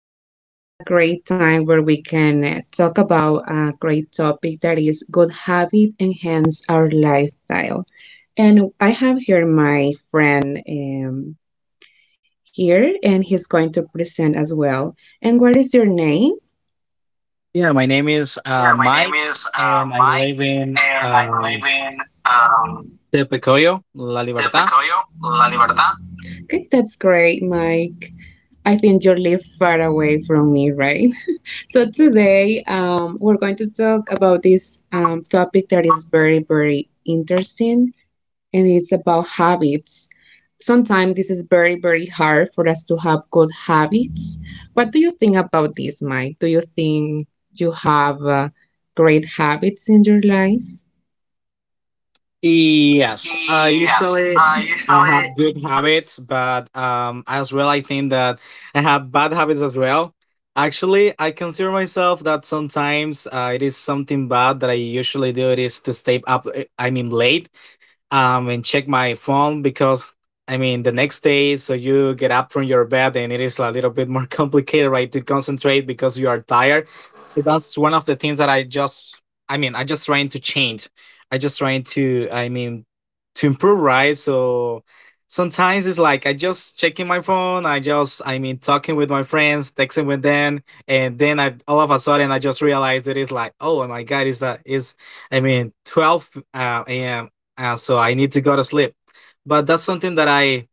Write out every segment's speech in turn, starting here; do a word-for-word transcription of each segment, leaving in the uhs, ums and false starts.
is a great time where we can uh, talk about a great topic that is good habit enhance our lifestyle. And I have here my friend um, here, and he's going to present as well. And what is your name? Yeah, my name is uh, Yeah, my name Mike, is uh, and I Mike, live in and I um, live in um, Tepecoyo, La Libertad. Tepecoyo, La Libertad. Okay, that's great, Mike. I think you live far away from me, right? So today, um, we're going to talk about this um, topic that is very, very interesting, and it's about habits. Sometimes this is very, very hard for us to have good habits. What do you think about this, Mike? Do you think you have uh, great habits in your life? Yes, uh, Yes, usually I I usually. have good habits, but um, as well, I think that I have bad habits as well. Actually, I consider myself that sometimes uh, it is something bad that I usually do. It is to stay up, uh, I mean, late. um, and check my phone because I mean the next day. So you get up from your bed and it is a little bit more complicated, right, to concentrate because you are tired. So that's one of the things that I just, I mean, I just trying to change. I just trying to, I mean, to improve, right? So sometimes it's like I just checking my phone. I just, I mean, talking with my friends, texting with them, and then I all of a sudden I just realized that it's like, oh my God, it's a it's I mean, twelve uh, a.m uh, so I need to go to sleep. But that's something that I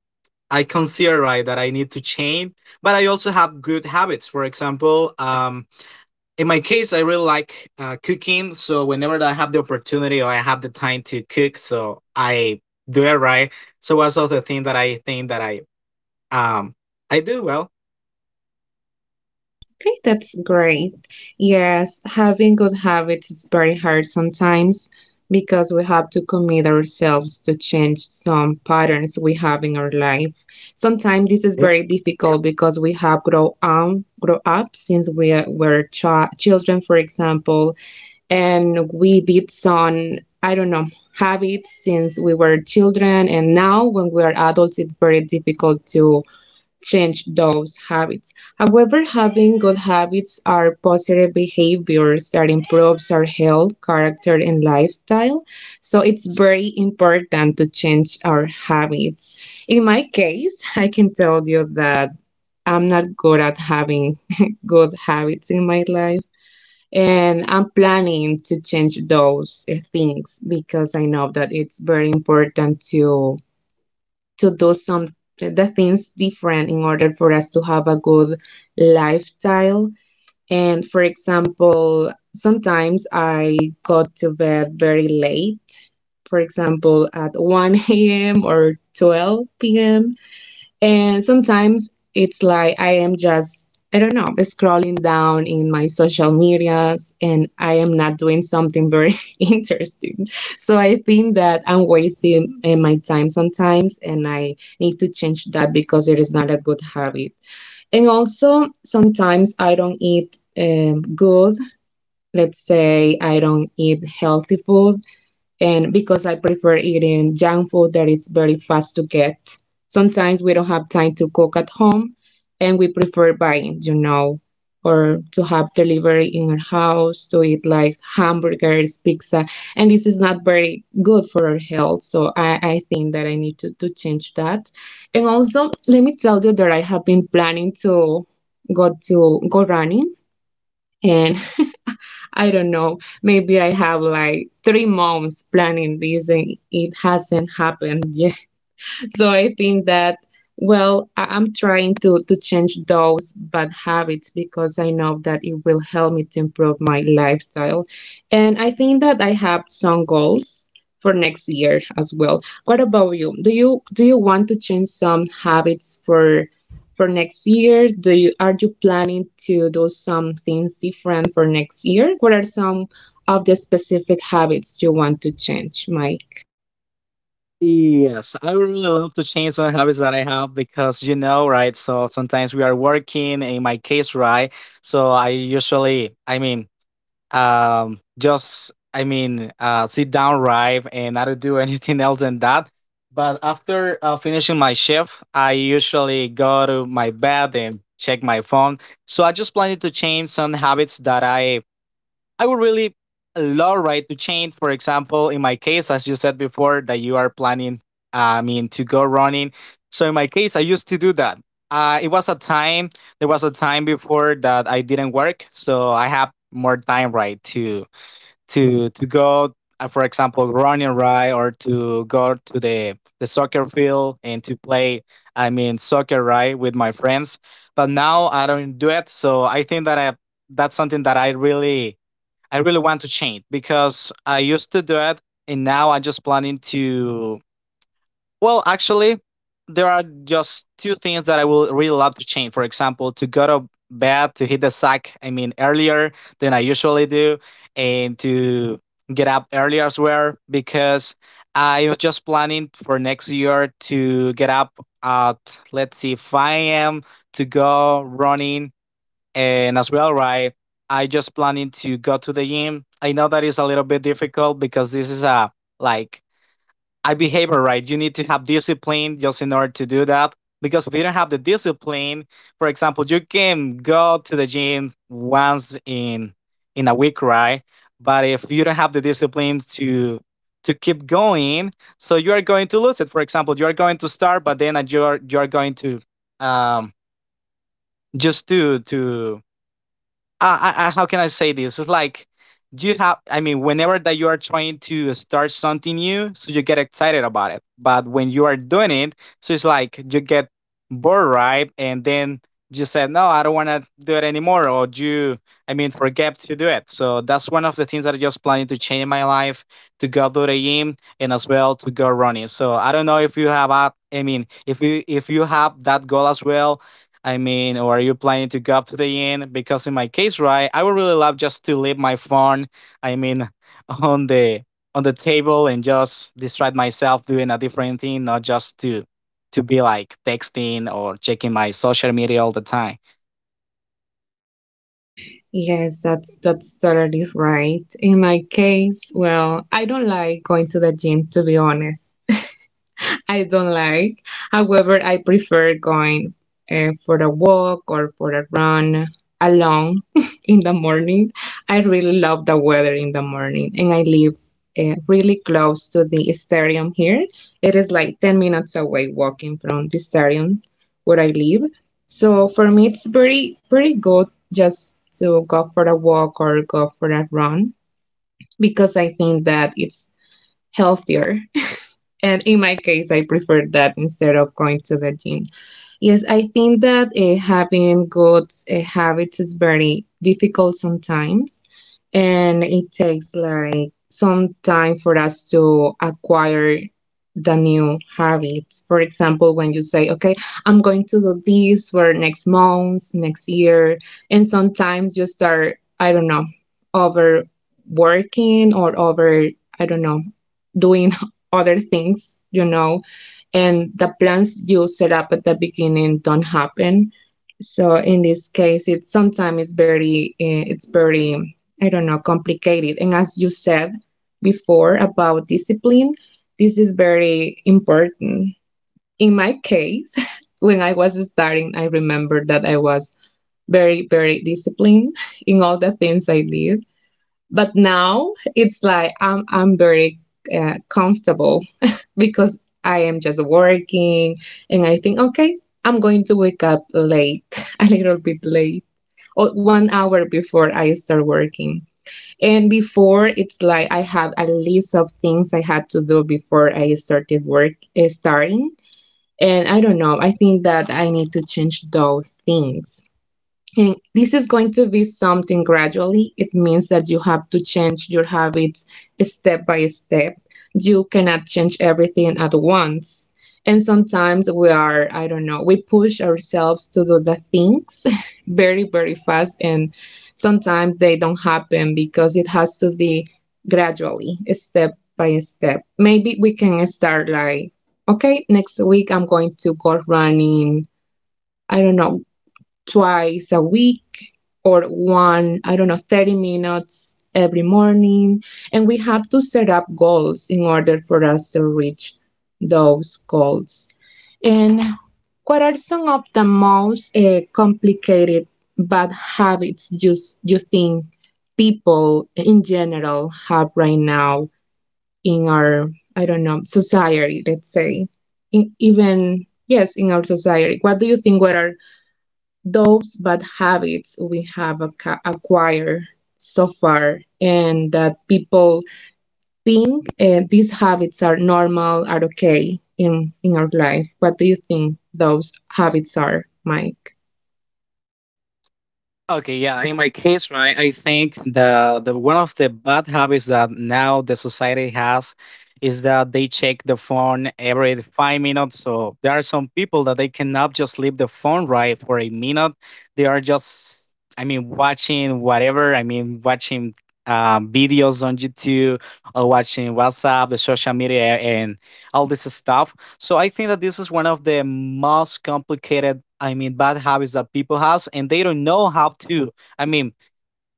I consider, right, that I need to change. But I also have good habits. For example, um, in my case, I really like uh, cooking. So whenever I have the opportunity or I have the time to cook, so I do it, right. So that's also the thing that I think that I um I do well. Okay, that's great. Yes, having good habits is very hard sometimes because we have to commit ourselves to change some patterns we have in our life. Sometimes this is Yep. very difficult because we have grow um grow up since we are- were chi- children, for example, and we did some I don't know habits since we were children, and now when we are adults, it's very difficult to change those habits. However, having good habits are positive behaviors that improves our health, character, and lifestyle. So it's very important to change our habits. In my case, I can tell you that I'm not good at having good habits in my life. And I'm planning to change those uh, things because I know that it's very important to to do some the things different in order for us to have a good lifestyle. And for example, sometimes I got to bed very late, for example, at one a m or twelve p m. And sometimes it's like I am just, I don't know, scrolling down in my social medias and I am not doing something very interesting. So I think that I'm wasting eh, my time sometimes and I need to change that because it is not a good habit. And also, sometimes I don't eat um, good. Let's say I don't eat healthy food and because I prefer eating junk food that it's very fast to get. Sometimes we don't have time to cook at home and we prefer buying, you know, or to have delivery in our house to eat like hamburgers, pizza, and this is not very good for our health. So I, I think that I need to, to change that. And also, let me tell you that I have been planning to go to go running and I don't know. Maybe I have like three months planning this and it hasn't happened yet, so I think that well, I- I'm trying to to change those bad habits because I know that it will help me to improve my lifestyle. And I think that I have some goals for next year as well. What about you? Do you do you want to change some habits for for next year? Do you are you planning to do some things different for next year? What are some of the specific habits you want to change, Mike? Yes, I would really love to change some habits that I have because you know, right? So sometimes we are working. In my case, right? So I usually, I mean, um just, I mean, uh sit down, right, and I don't do anything else than that. But after uh, finishing my shift, I usually go to my bed and check my phone. So I just planning to change some habits that i I would really love, right, to change, for example, in my case, as you said before, that you are planning, uh, I mean, to go running. So in my case, I used to do that. Uh, it was a time, there was a time before that I didn't work. So I have more time, right, to, to, to go, uh, for example, running, right, or to go to the, the soccer field and to play, I mean, soccer, right, with my friends. But now I don't do it. So I think that I, that's something that I really I really want to change because I used to do it and now I'm just planning to. Well, actually, there are just two things that I will really love to change. For example, to go to bed, to hit the sack, I mean, earlier than I usually do, and to get up earlier as well because I was just planning for next year to get up at, let's see, five a m to go running, and as well, right, I just planning to go to the gym. I know that is a little bit difficult because this is a like a behavior, right? You need to have discipline just in order to do that. Because if you don't have the discipline, for example, you can go to the gym once in in a week, right? But if you don't have the discipline to to keep going, so you are going to lose it. For example, you are going to start, but then you're you're going to um just to to I, I, I- how can I say this? It's like you have. I mean, whenever that you are trying to start something new, so you get excited about it. But when you are doing it, so it's like you get bored, right? And then you said, "No, I don't want to do it anymore," or you, I mean, forget to do it. So that's one of the things that I just planning to change in my life, to go to the gym and as well to go running. So I don't know if you have a, I mean, if you if you have that goal as well, I mean, or are you planning to go up to the inn? Because in my case, right, I would really love just to leave my phone, I mean, on the on the table and just distract myself doing a different thing, not just to to be like texting or checking my social media all the time. Yes, that's that's totally right. In my case, well, I don't like going to the gym, to be honest. I don't like. However, I prefer going uh, for a walk or for a run alone in the morning. I really love the weather in the morning, and I live uh, really close to the stadium here. It is like ten minutes away walking from the stadium where I live. So for me, it's very, very good just to go for a walk or go for a run because I think that it's healthier, and in my case, I preferred that instead of going to the gym. Yes, I think that uh, having good uh, habits is very difficult sometimes, and it takes like some time for us to acquire the new habits. For example, when you say, okay, I'm going to do this for next month, next year, and sometimes you start, I don't know, overworking or over, I don't know, doing other things, you know, and the plans you set up at the beginning don't happen. So in this case, it's sometimes it's very eh, it's very I don't know complicated. And as you said before about discipline, this is very important. In my case, when I was starting, I remember that I was very very disciplined in all the things I did. But now it's like I'm I'm very uh, comfortable because I am just working and I think, okay, I'm going to wake up late, a little bit late, or one hour before I start working. And before, it's like I had a list of things I had to do before I started work, eh, starting. And I don't know, I think that I need to change those things. And this is going to be something gradually. It means that you have to change your habits step by step. You cannot change everything at once. And sometimes we are, I don't know, we push ourselves to do the things very, very fast. And sometimes they don't happen because it has to be gradually, step by step. Maybe we can start like, okay, next week I'm going to go running. I don't know, twice a week or one, I don't know, thirty minutes every morning. And we have to set up goals in order for us to reach those goals. And what are some of the most uh, complicated bad habits you, you think people in general have right now in our, I don't know, society, let's say? In, even, yes, in our society. What do you think? What are those bad habits we have acca- acquired so far and that people think uh, these habits are normal, are okay in in our life? What do you think those habits are, Mike? Okay, yeah. In my case, right, I think the the one of the bad habits that now the society has is that they check the phone every five minutes. So there are some people that they cannot just leave the phone, right, for a minute. They are just, I mean, watching whatever. I mean, watching um, videos on YouTube or watching WhatsApp, the social media, and all this stuff. So I think that this is one of the most complicated, I mean, bad habits that people have, and they don't know how to, I mean,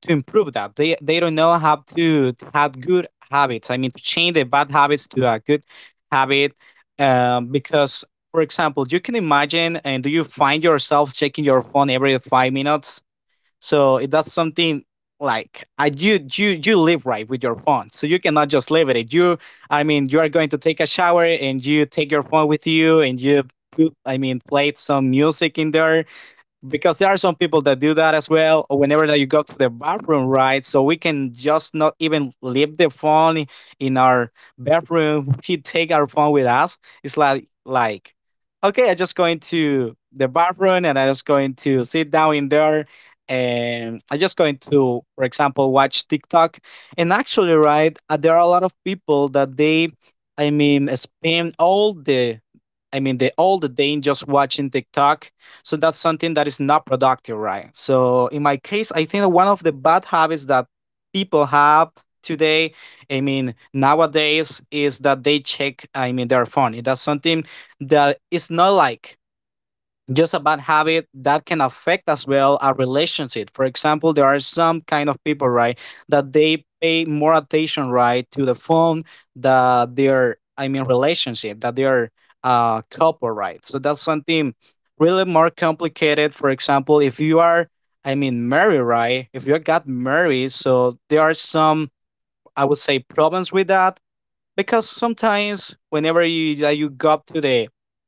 to improve that. They they don't know how to, to have good habits. I mean, to change the bad habits to a good habit, um, because, for example, you can imagine, and do you find yourself checking your phone every five minutes? So that's something like I you you you live, right, with your phone, so you cannot just leave it. You I mean, you are going to take a shower and you take your phone with you, and you put- I mean, played some music in there because there are some people that do that as well. Or whenever that you go to the bathroom, right, so we can just not even leave the phone in our bedroom. We take our phone with us. It's like like okay, I just going to the bathroom, and I just going to sit down in there, and I just going to, for example, watch TikTok. And actually, right, uh, there are a lot of people that they, I mean, spend all the I mean, the all the day just watching TikTok, so that's something that is not productive, right? So in my case, I think that one of the bad habits that people have today, I mean, nowadays is that they check, I mean, their phone. That's something that is not like just a bad habit that can affect as well a relationship. For example, there are some kind of people, right, that they pay more attention, right, to the phone that their, I mean, relationship, that their uh couple, right, so that's something really more complicated. For example, if you are, I mean, married, right, if you got married, so there are some, I would say, problems with that because sometimes whenever you that you go up to the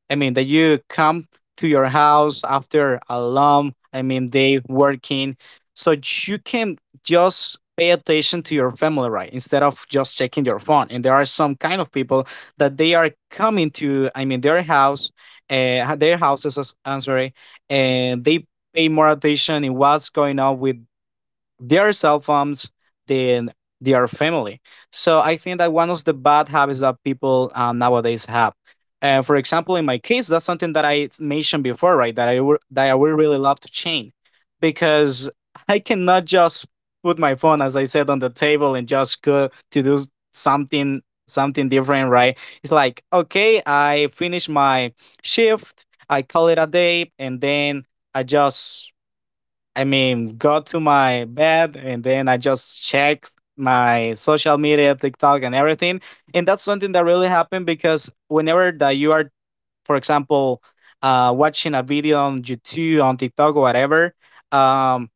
i mean that you come to your house after a long, I mean, day working, so you can just pay attention to your family, right, instead of just checking your phone. And there are some kind of people that they are coming to, I mean, their house uh, their houses, I'm sorry, and they pay more attention in what's going on with their cell phones than their family. So I think that one of the bad habits that people uh, nowadays have. Uh, for example, in my case, that's something that I mentioned before, right? That I would that I would really love to change because I cannot just put my phone, as I said, on the table and just go to do something something different, right? It's like, okay, I finish my shift, I call it a day, and then I just, I mean, go to my bed, and then I just check my social media, TikTok, and everything. And that's something that really happened because whenever that you are, for example, uh, watching a video on YouTube, on TikTok, or whatever, um,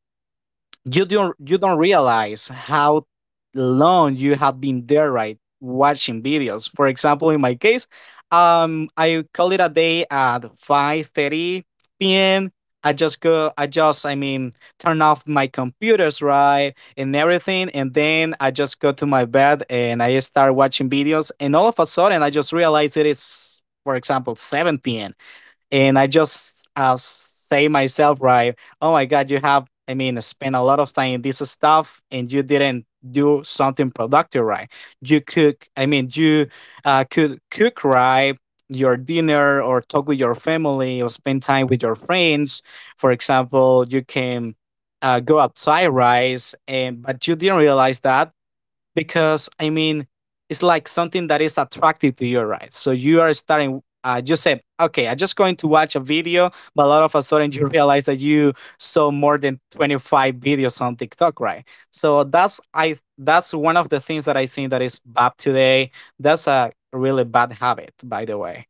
you don't you don't realize how long you have been there, right, watching videos. For example, in my case, um I call it a day at five thirty p m, I just go I just I mean, turn off my computers, right, and everything. And then I just go to my bed and I start watching videos, and all of a sudden I just realize it is, for example, seven p.m, and I just uh, say myself, right? Oh my God, you have, I mean, spent a lot of time in this stuff, and you didn't do something productive, right? You cook, I mean, you uh, could cook, right? Your dinner, or talk with your family, or spend time with your friends. For example, you can uh, go outside, right? And but you didn't realize that because I mean, it's like something that is attractive to you, right? So you are starting. Uh, you said, okay, I'm just going to watch a video, but all of a sudden you realize that you saw more than twenty-five videos on TikTok, right? So that's I that's one of the things that I think that is bad today. That's a really bad habit, by the way.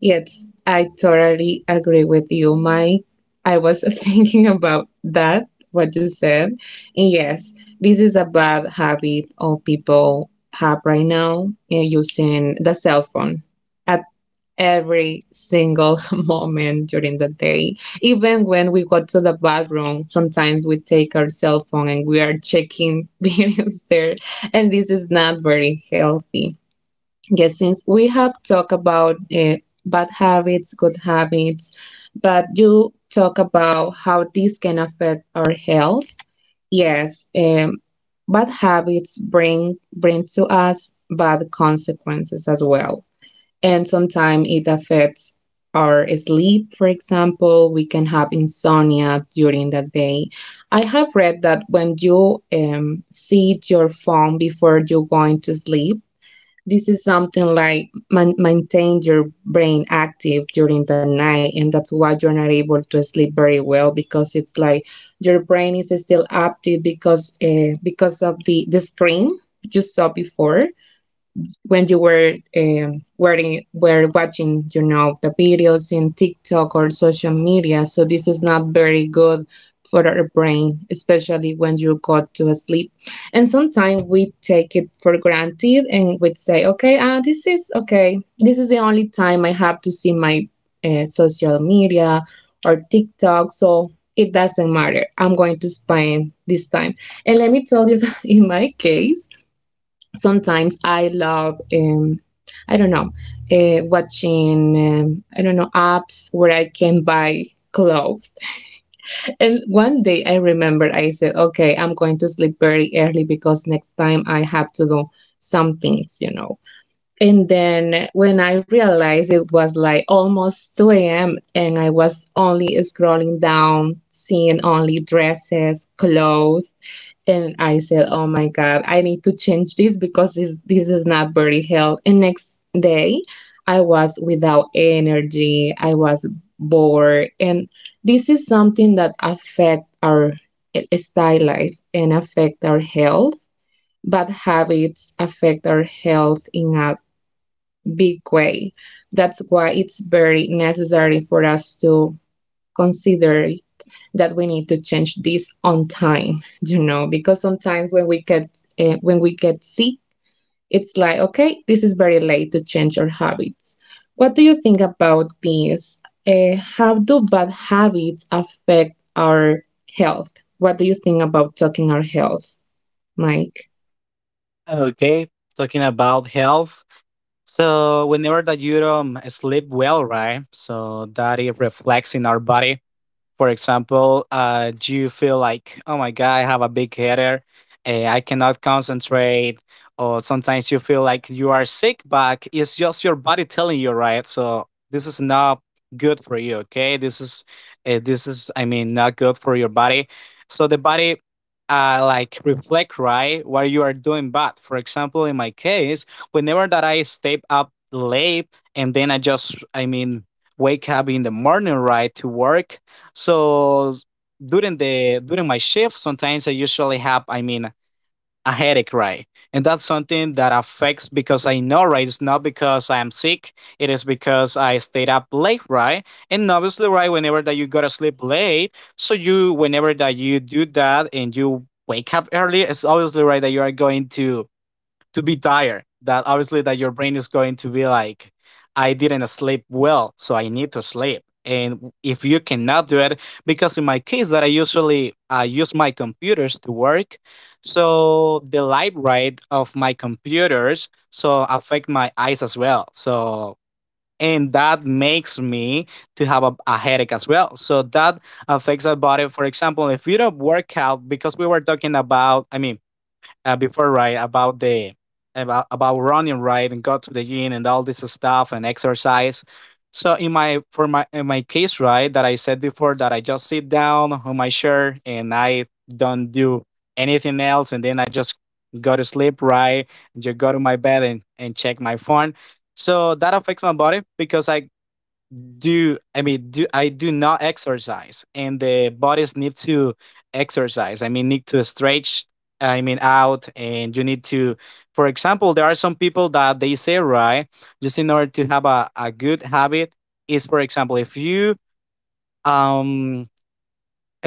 Yes, I totally agree with you, Mike. I was thinking about that, what you said, and yes, this is a bad habit all people have right now, uh, using the cell phone every single moment during the day. Even when we go to the bathroom, sometimes we take our cell phone and we are checking videos there, and this is not very healthy. Yes, since we have talked about uh, bad habits, good habits, but you talk about how this can affect our health. Yes, um, bad habits bring bring to us bad consequences as well, and sometimes it affects our sleep. For example, we can have insomnia during the day. I have read that when you um, see your phone before you're going to sleep, this is something like man- maintain your brain active during the night, and that's why you're not able to sleep very well because it's like your brain is still active because uh, because of the the screen you saw before when you were um, wearing, were watching, you know, the videos in TikTok or social media. So this is not very good for our brain, especially when you go to sleep. And sometimes we take it for granted and we say, okay, ah, this is okay. This is the only time I have to see my uh, social media or TikTok. So it doesn't matter. I'm going to spend this time. And let me tell you that in my case, sometimes I love, um, I don't know, uh, watching, um, I don't know, apps where I can buy clothes. And one day I remember I said, okay, I'm going to sleep very early because next time I have to do some things, you know. And then when I realized, it was like almost two a m and I was only scrolling down, seeing only dresses, clothes, and I said, "Oh my god, I need to change this because this this is not very healthy." And next day, I was without energy. I was bored, and this is something that affect our eh, style life and affect our health. Bad habits affect our health in a big way. That's why it's very necessary for us to consider that we need to change this on time, you know, because sometimes when we get uh, when we get sick, it's like, okay, this is very late to change our habits. What do you think about this, uh, how do bad habits affect our health? What do you think about talking our health, Mike? Okay, talking about health. So whenever that you don't sleep well, right? So that it reflects in our body. For example, uh, do you feel like, oh my God, I have a big headache, eh, I cannot concentrate, or sometimes you feel like you are sick, but it's just your body telling you, right? So this is not good for you. Okay, this is uh, this is, I mean, not good for your body. So the body uh, like reflect, right, what you are doing bad. For example, in my case, whenever that I stay up late and then I just, I mean, wake up in the morning, right, to work, so during the during my shift, sometimes I usually have, I mean, a headache, right? And that's something that affects because I know, right? It's not because I am sick. It is because I stayed up late, right? And obviously, right, whenever that you go to sleep late, so you whenever that you do that and you wake up early, it's obviously right that you are going to to be tired, that obviously that your brain is going to be like, I didn't sleep well, so I need to sleep. And if you cannot do it, because in my case that I usually uh, use my computers to work, so the light rate of my computers so affect my eyes as well, so and that makes me to have a, a headache as well. So that affects our body. For example, if you don't work out, because we were talking about, I mean, uh, before, right, about the about about running, right, and go to the gym and all this stuff and exercise. So in my for my in my case, right, that I said before, that I just sit down on my chair and I don't do anything else, and then I just go to sleep, right, and just go to my bed and and check my phone. So that affects my body because I do, I mean, do, I do not exercise, and the bodies need to exercise, I mean, need to stretch, I mean, out. And you need to, for example, there are some people that they say, right, just in order to have a, a good habit is, for example, if you um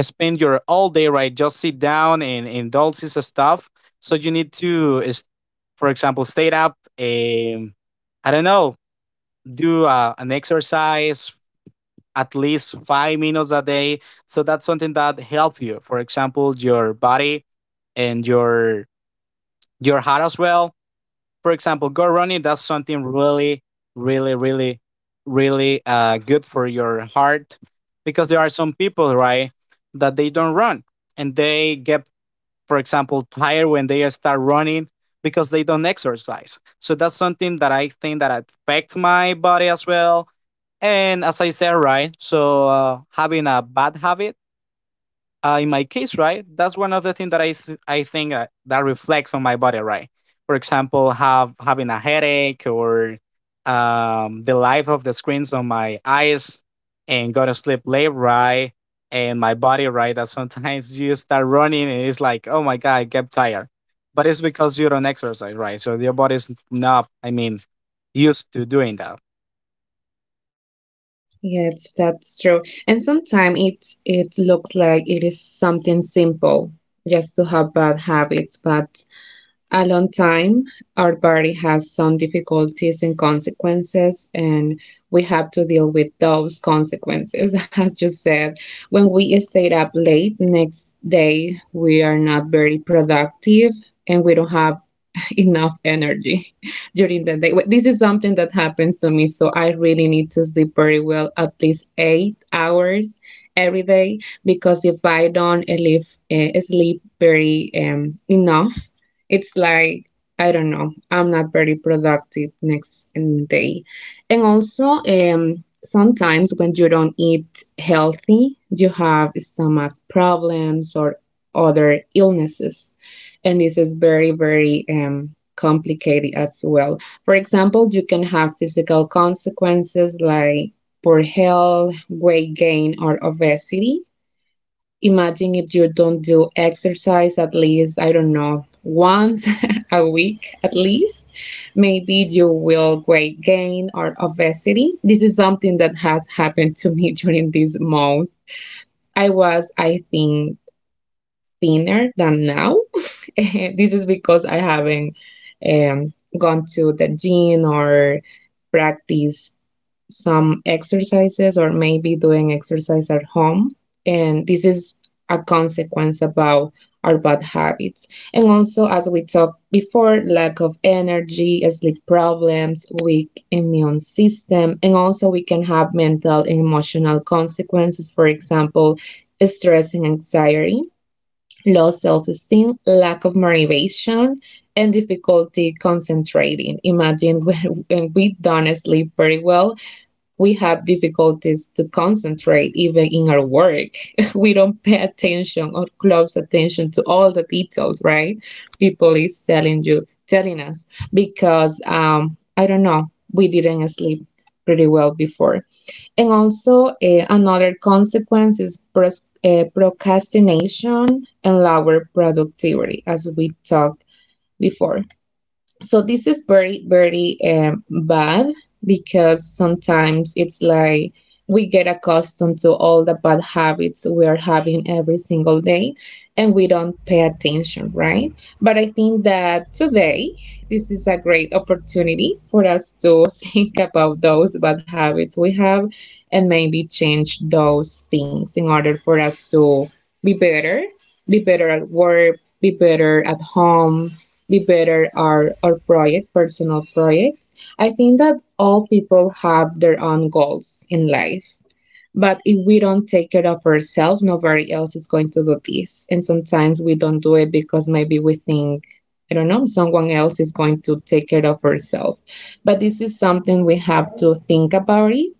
spend your all day, right, just sit down and and all stuff. So you need to is-, for example, stay up, um I don't know, do uh, an exercise at least five minutes a day. So that's something that helps you. For example, your body and your your heart as well. For example, go running. That's something really, really, really, really uh, good for your heart, because there are some people, right, that they don't run and they get, for example, tired when they start running because they don't exercise. So that's something that I think that affects my body as well, and as I said, right, so uh, having a bad habit, uh, in my case, right, that's one of the things that I, s- I think uh, that reflects on my body, right? For example, have having a headache or um, the life of the screens on my eyes and go to sleep late, right? And my body, right, that sometimes you start running and it's like, oh my God, I get tired. But it's because you don't exercise, right? So your body's not, I mean, used to doing that. Yes, that's true, and sometimes it's it looks like it is something simple just to have bad habits, but a long time. Our body has some difficulties and consequences, and we have to deal with those consequences. As you said, when we stayed up late, next day we are not very productive and we don't have enough energy during the day. Well, this is something that happens to me, so I really need to sleep very well, at least eight hours every day, because if I don't eh, live, eh, sleep very um, enough, it's like I don't know, I'm not very productive next day. And also, um, sometimes when you don't eat healthy, you have stomach problems or other illnesses. And this is very, very um, complicated as well. For example, you can have physical consequences like poor health, weight gain, or obesity. Imagine if you don't do exercise at least, I don't know, once a week at least. Maybe you will weight gain or obesity. This is something that has happened to me during this month. I was, I think, thinner than now. This is because I haven't um, gone to the gym or practice some exercises or maybe doing exercise at home. And this is a consequence about our bad habits. And also, as we talked before, lack of energy, sleep problems, weak immune system, and also we can have mental and emotional consequences, for example, stress and anxiety, low self esteem, lack of motivation, and difficulty concentrating. Imagine when, when we don't sleep very well, we have difficulties to concentrate even in our work. We don't pay attention or close attention to all the details, right? People is telling you, telling us, because um, I don't know, we didn't sleep pretty well before. And also, eh, another consequence is pros- eh, procrastination and lower productivity, as we talked before. So this is very very um, bad, because sometimes it's like we get accustomed to all the bad habits we are having every single day and we don't pay attention, right? But I think that today this is a great opportunity for us to think about those bad habits we have and maybe change those things in order for us to be better, be better at work, be better at home, the better are our project, personal projects. I think that all people have their own goals in life. But if we don't take care of ourselves, nobody else is going to do this. And sometimes we don't do it because maybe we think, I don't know, someone else is going to take care of herself. But this is something we have to think about it,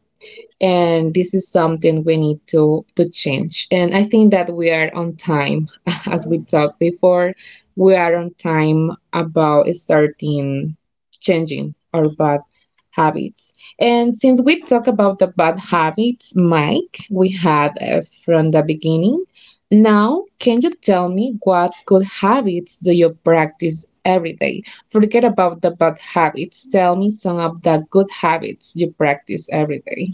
and this is something we need to to change. And I think that we are on time. As we talked before, we are on time about starting changing our bad habits. And since we talk about the bad habits, Mike, we had uh, from the beginning, now can you tell me, what good habits do you practice every day? Forget about the bad habits. Tell me some of the good habits you practice every day.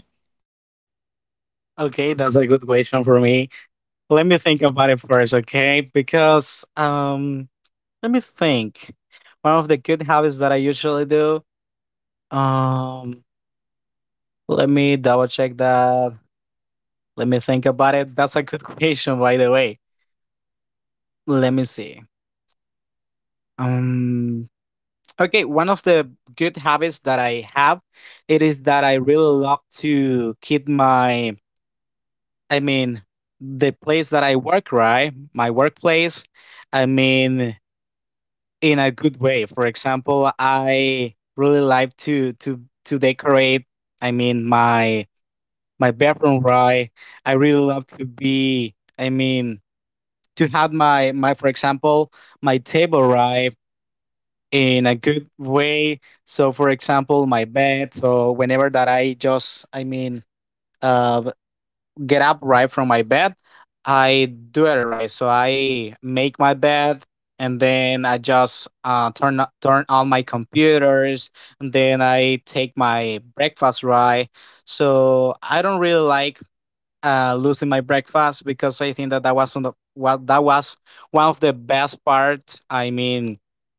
Okay, that's a good question for me. Let me think about it first, okay? Because um let me think. One of the good habits that I usually do. Um Let me double check that. Let me think about it. That's a good question, by the way. Let me see. Um okay, one of the good habits that I have, it is that I really love to keep my, I mean, the place that I work, right? My workplace. I mean, in a good way. For example, I really like to to to decorate. I mean, my my bedroom, right. I really love to be. I mean, to have my my, for example, my table, right, in a good way. So, for example, my bed. So whenever that I just, I mean, uh get up, right, from my bed. I do it, right. So I make my bed and then I just uh, turn o- turn on my computers, and then I take my breakfast, right. So I don't really like uh, losing my breakfast, because I think that that was on the, what that was one of the best parts. I mean,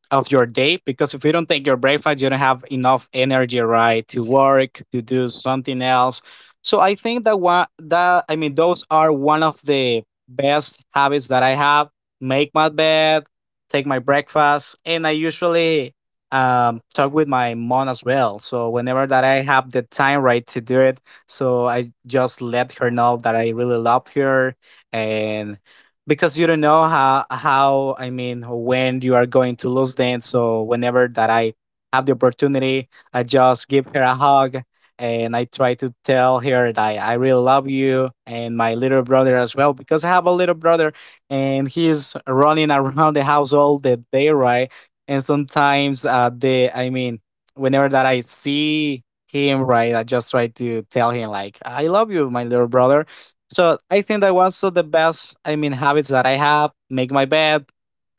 of your day, because if you don't take your breakfast, you don't have enough energy, right, to work to do something else. So I think that one that I mean, those are one of the best habits that I have. Make my bed, take my breakfast, and I usually um, talk with my mom as well. So whenever that I have the time, right, to do it, so I just let her know that I really loved her, and because you don't know how how, I mean, when you are going to lose them. So whenever that I have the opportunity, I just give her a hug, and I try to tell her that I I really love you and my little brother as well, because I have a little brother and he's running around the house all the day, right? And sometimes uh, the I mean, whenever that I see him, right, I just tried to tell him, like, I love you, my little brother. So I think that one of the best, I mean, habits that I have: make my bed,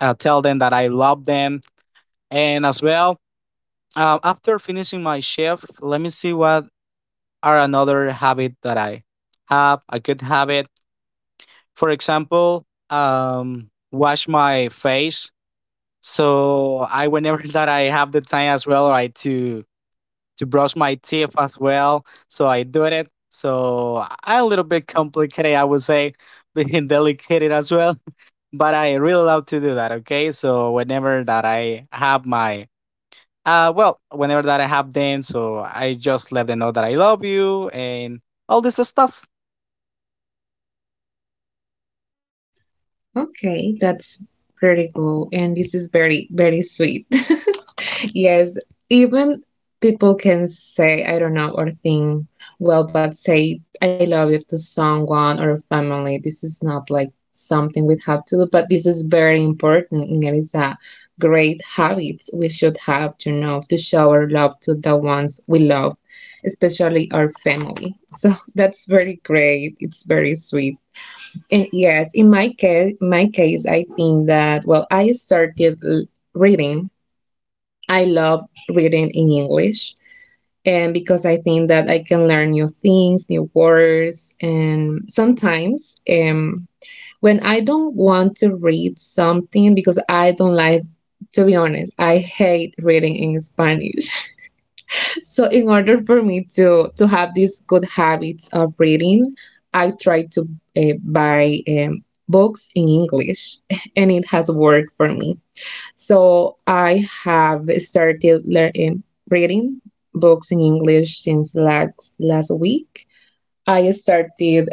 uh, tell them that I love them, and as well, um, after finishing my shift, let me see what are another habit that I have, a good habit, for example, um, wash my face. So I, whenever that I have the time as well, right, to to brush my teeth as well. So I do it. So I a little bit complicated, I would say, being delicate as well. But I really love to do that. Okay, so whenever that I have my uh, well, whenever that I have dance, so I just let them know that I love you and all this stuff. Okay, that's pretty cool. And this is very, very sweet. Yes, even people can say, I don't know, or think, well, but say, I love you to someone or a family. This is not like something we have to do, but this is very important. And it is a great habit we should have, you know, to show our love to the ones we love, especially our family. So that's very great. It's very sweet. And yes, in my case, my case, I think that, well, I started l- reading. I love reading in English, and because I think that I can learn new things, new words, and sometimes um, when I don't want to read something because I don't like. To be honest, I hate reading in Spanish. So in order for me to to have these good habits of reading, I try to uh, buy um, books in English, and it has worked for me. So I have started learning reading books in English since last last week. I started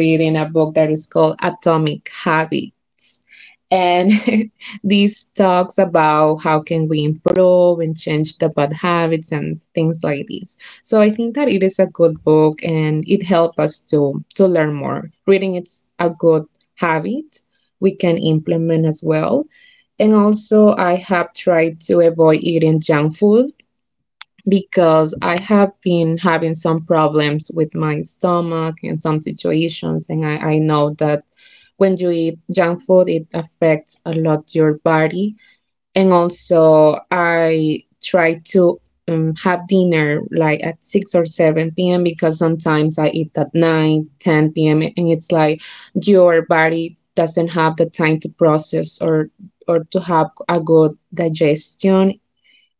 reading a book that is called Atomic Habits, and these talks about how can we improve and change the bad habits and things like this. So I think that it is a good book, and it helps us to to learn more reading. It's a good habit we can implement as well. And also, I have tried to avoid eating junk food because I have been having some problems with my stomach in some situations, and I, I know that when you eat junk food, it affects a lot your body. And also, I try to um, have dinner like at six or seven p m, because sometimes I eat at nine, ten p.m., and it's like your body doesn't have the time to process or or to have a good digestion,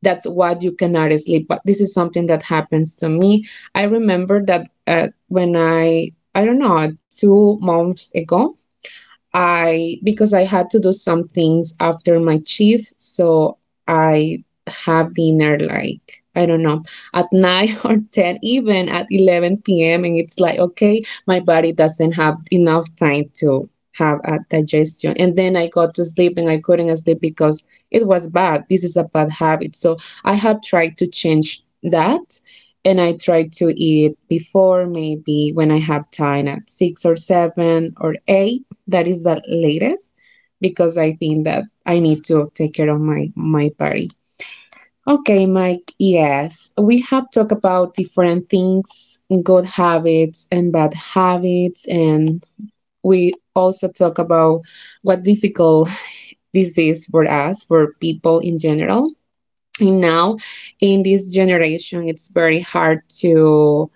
that's what you cannot sleep. But this is something that happens to me. I remember that uh, when I, I don't know, two months ago, I, because I had to do some things after my shift, so I have dinner like, I don't know, at nine or ten, even at eleven p.m. And it's like, okay, my body doesn't have enough time to have a digestion, and then I got to sleep and I couldn't sleep because it was bad. This is a bad habit, so I have tried to change that. And I try to eat before, maybe when I have time, at six or seven or eight, that is the latest, because I think that I need to take care of my my body. Okay, Mike. Yes, we have talked about different things, good habits and bad habits, and we also talk about what difficult this is for us, for people in general. And now, in this generation, it's very hard to,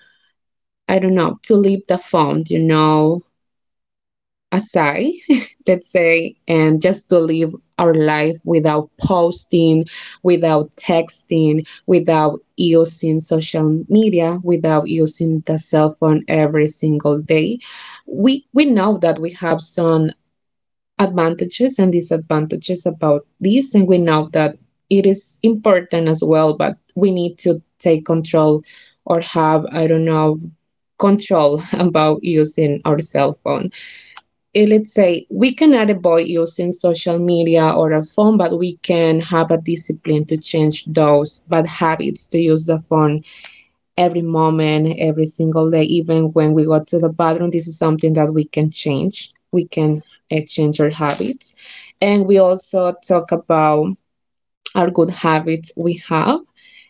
I don't know, to leave the phone, you know, aside, let's say, and just to live our life without posting, without texting, without using social media, without using the cell phone every single day. We we know that we have some advantages and disadvantages about this, and we know that it is important as well, but we need to take control or have, I don't know, control about using our cell phone. Eh, let's say we cannot avoid using social media or a phone, but we can have a discipline to change those bad habits to use the phone every moment, every single day, even when we go to the bathroom. This is something that we can change. We can eh, change our habits. And we also talk about our good habits we have,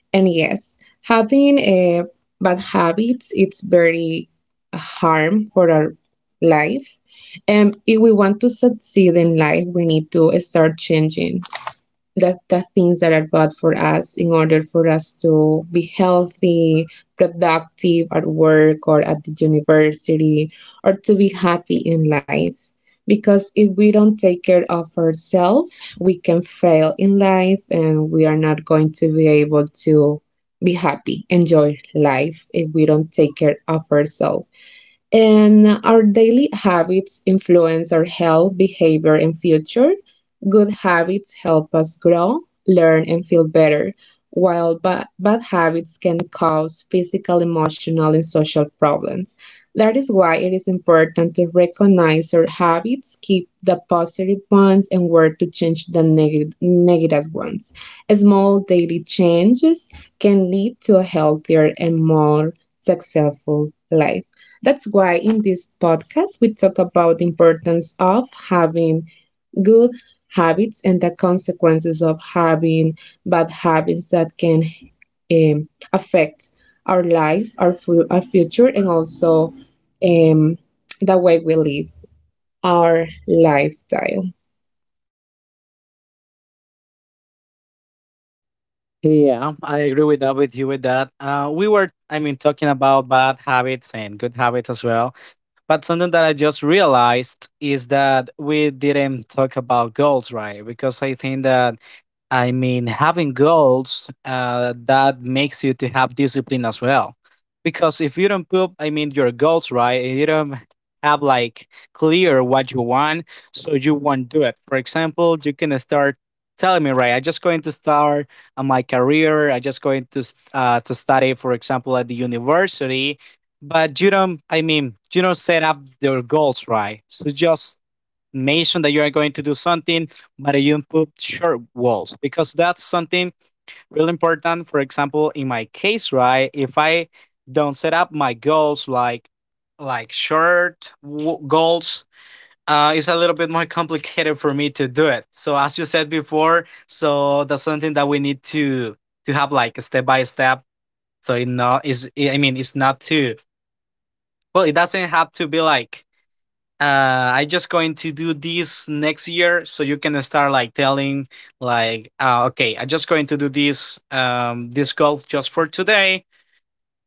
and yes, having uh, bad habits, it's very harm for our life. And if we want to succeed in life, we need to start changing the, the things that are bad for us in order for us to be healthy, productive at work or at the university, or to be happy in life. Because if we don't take care of ourselves, we can fail in life and we are not going to be able to be happy, enjoy life if we don't take care of ourselves. And our daily habits influence our health, behavior, and future. Good habits help us grow, learn, and feel better, while ba- bad habits can cause physical, emotional, and social problems. That is why it is important to recognize our habits, keep the positive ones, and work to change the neg- negative ones. Small daily changes can lead to a healthier and more successful life. That's why in this podcast we talk about the importance of having good habits and the consequences of having bad habits that can um, affect our life, our, fu- our future, and also um, the way we live our lifestyle. Yeah, I agree with that, with you, with that. Uh, we were, I mean, talking about bad habits and good habits as well. But something that I just realized is that we didn't talk about goals, right? Because I think that, I mean, having goals uh, that makes you to have discipline as well. Because if you don't put, I mean, your goals right, if you don't have like clear what you want, so you won't do it. For example, you can start telling me, right? I just going to start uh, my career. I just going to st- uh, to study, for example, at the university. But you don't, I mean, you don't set up your goals, right. So just mention that you are going to do something, but you put short goals because that's something really important. For example, in my case, right, if I don't set up my goals like like short w- goals, uh, it's a little bit more complicated for me to do it. So as you said before, so that's something that we need to to have like a step by step. So it not is I mean it's not, too, well, it doesn't have to be like uh I just going to do this next year. So you can start like telling like uh, okay, I just going to do this, um this golf just for today.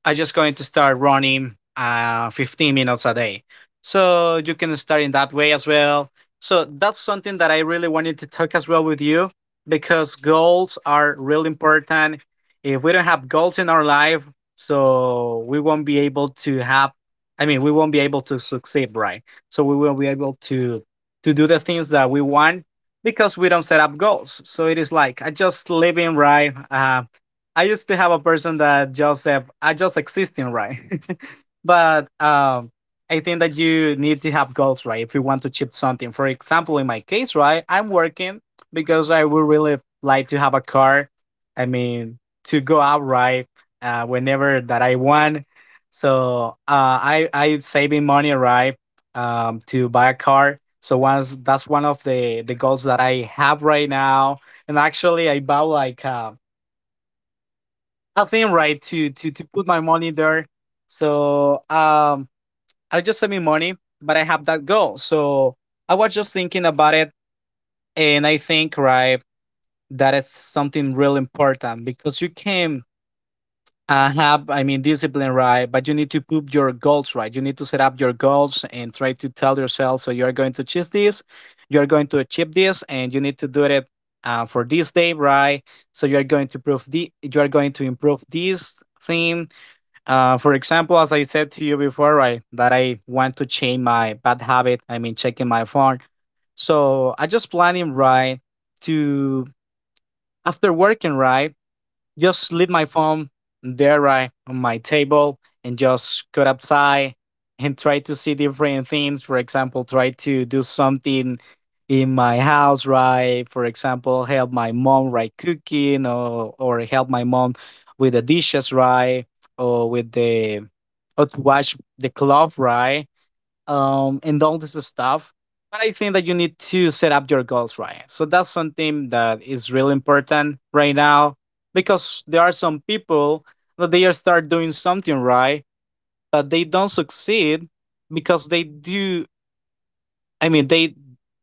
I'm just going to start running uh, fifteen minutes a day. So you can start in that way as well. So that's something that I really wanted to talk as well with you because goals are really important. If we don't have goals in our life, so we won't be able to have I mean, we won't be able to succeed, right? So we will not be able to to do the things that we want because we don't set up goals. So it is like, I just living, right. Uh, I used to have a person that just said, I just existing, right? But um, I think that you need to have goals, right? If you want to achieve something. For example, in my case, right, I'm working because I would really like to have a car. I mean, to go out, right, uh, whenever that I want. So uh, I I saving money, right, um, to buy a car. So once that's one of the the goals that I have right now. And actually, I bought like uh, I think right to to to put my money there. So um, I just saving money, but I have that goal. So I was just thinking about it, and I think right that it's something real important because you can uh, have, I mean, discipline right, but you need to put your goals, right. You need to set up your goals and try to tell yourself, so you are going to achieve this, you are going to achieve this, and you need to do it. Uh, for this day, right? So you are going to prove the you are going to improve this thing, uh, for example, as I said to you before, right, that I want to change my bad habit. I mean, checking my phone. So I just planning right to after working right just leave my phone there right on my table and just go outside and try to see different things. For example, try to do something in my house, right. For example, help my mom, right, cooking, or or help my mom with the dishes, right, or with the or to wash the cloth, right, um, and all this stuff. But I think that you need to set up your goals, right. So that's something that is really important right now because there are some people that they are start doing something, right, but they don't succeed because they do I mean, they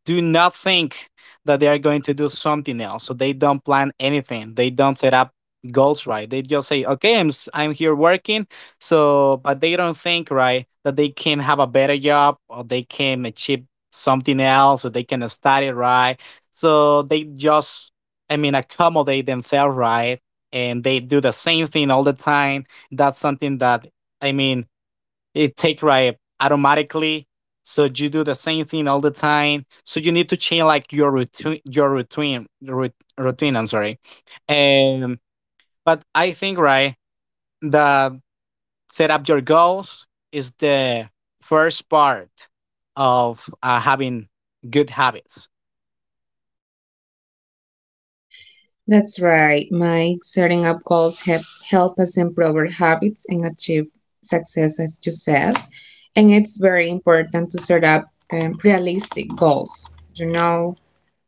do not think that they are going to do something else. So they don't plan anything. They don't set up goals, right. They just say, "Okay, I'm s- I'm here working." So, but they don't think right that they can have a better job or they can achieve something else or they can study, right. So they just, I mean, accommodate themselves right, and they do the same thing all the time. That's something that I mean it take right automatically. So you do the same thing all the time. So you need to change like your routine, your routine, rut- routine. I'm sorry. Um, but I think right that set up your goals is the first part of uh, having good habits. That's right, Mike. Setting up goals help, help us improve our habits and achieve success, as you said. And it's very important to set up um, realistic goals, you know,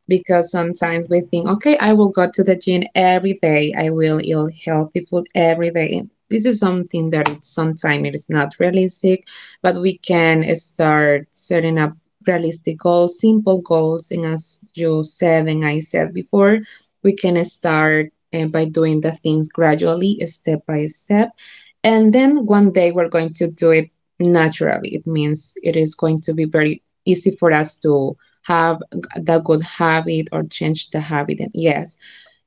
because sometimes we think, okay, I will go to the gym every day. I will eat healthy food every day. This is something that, it's sometimes it is not realistic, but we can start setting up realistic goals, simple goals, and as you said and I said before, we can start uh, by doing the things gradually, step by step, and then one day we're going to do it naturally. It means it is going to be very easy for us to have the good habit or change the habit. And yes,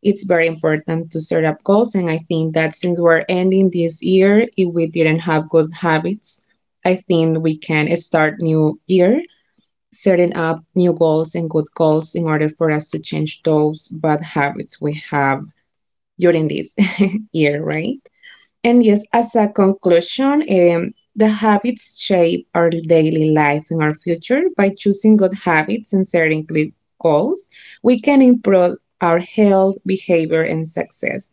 it's very important to set up goals. And I think that since we're ending this year, if we didn't have good habits, I think we can start new year setting up new goals and good goals in order for us to change those bad habits we have during this year, right? And yes, as a conclusion, um, the habits shape our daily life and our future. By choosing good habits and setting clear goals, we can improve our health, behavior, and success.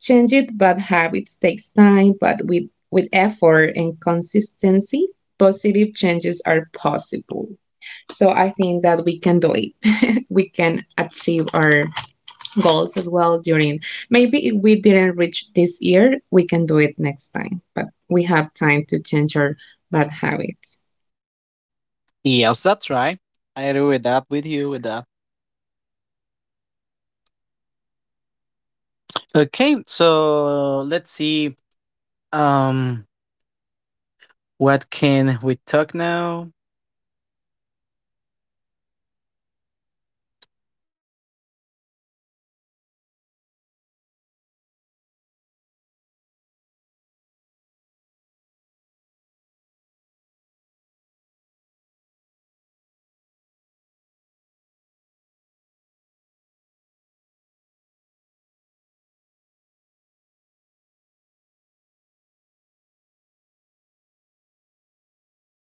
Changing bad habits takes time, but with, with effort and consistency, positive changes are possible. So I think that we can do it. We can achieve our goals as well during, maybe if we didn't reach this year, we can do it next time, but we have time to change our bad habits. Yes, that's right. I agree with that. With you, with that. Okay, so let's see. Um, what can we talk now?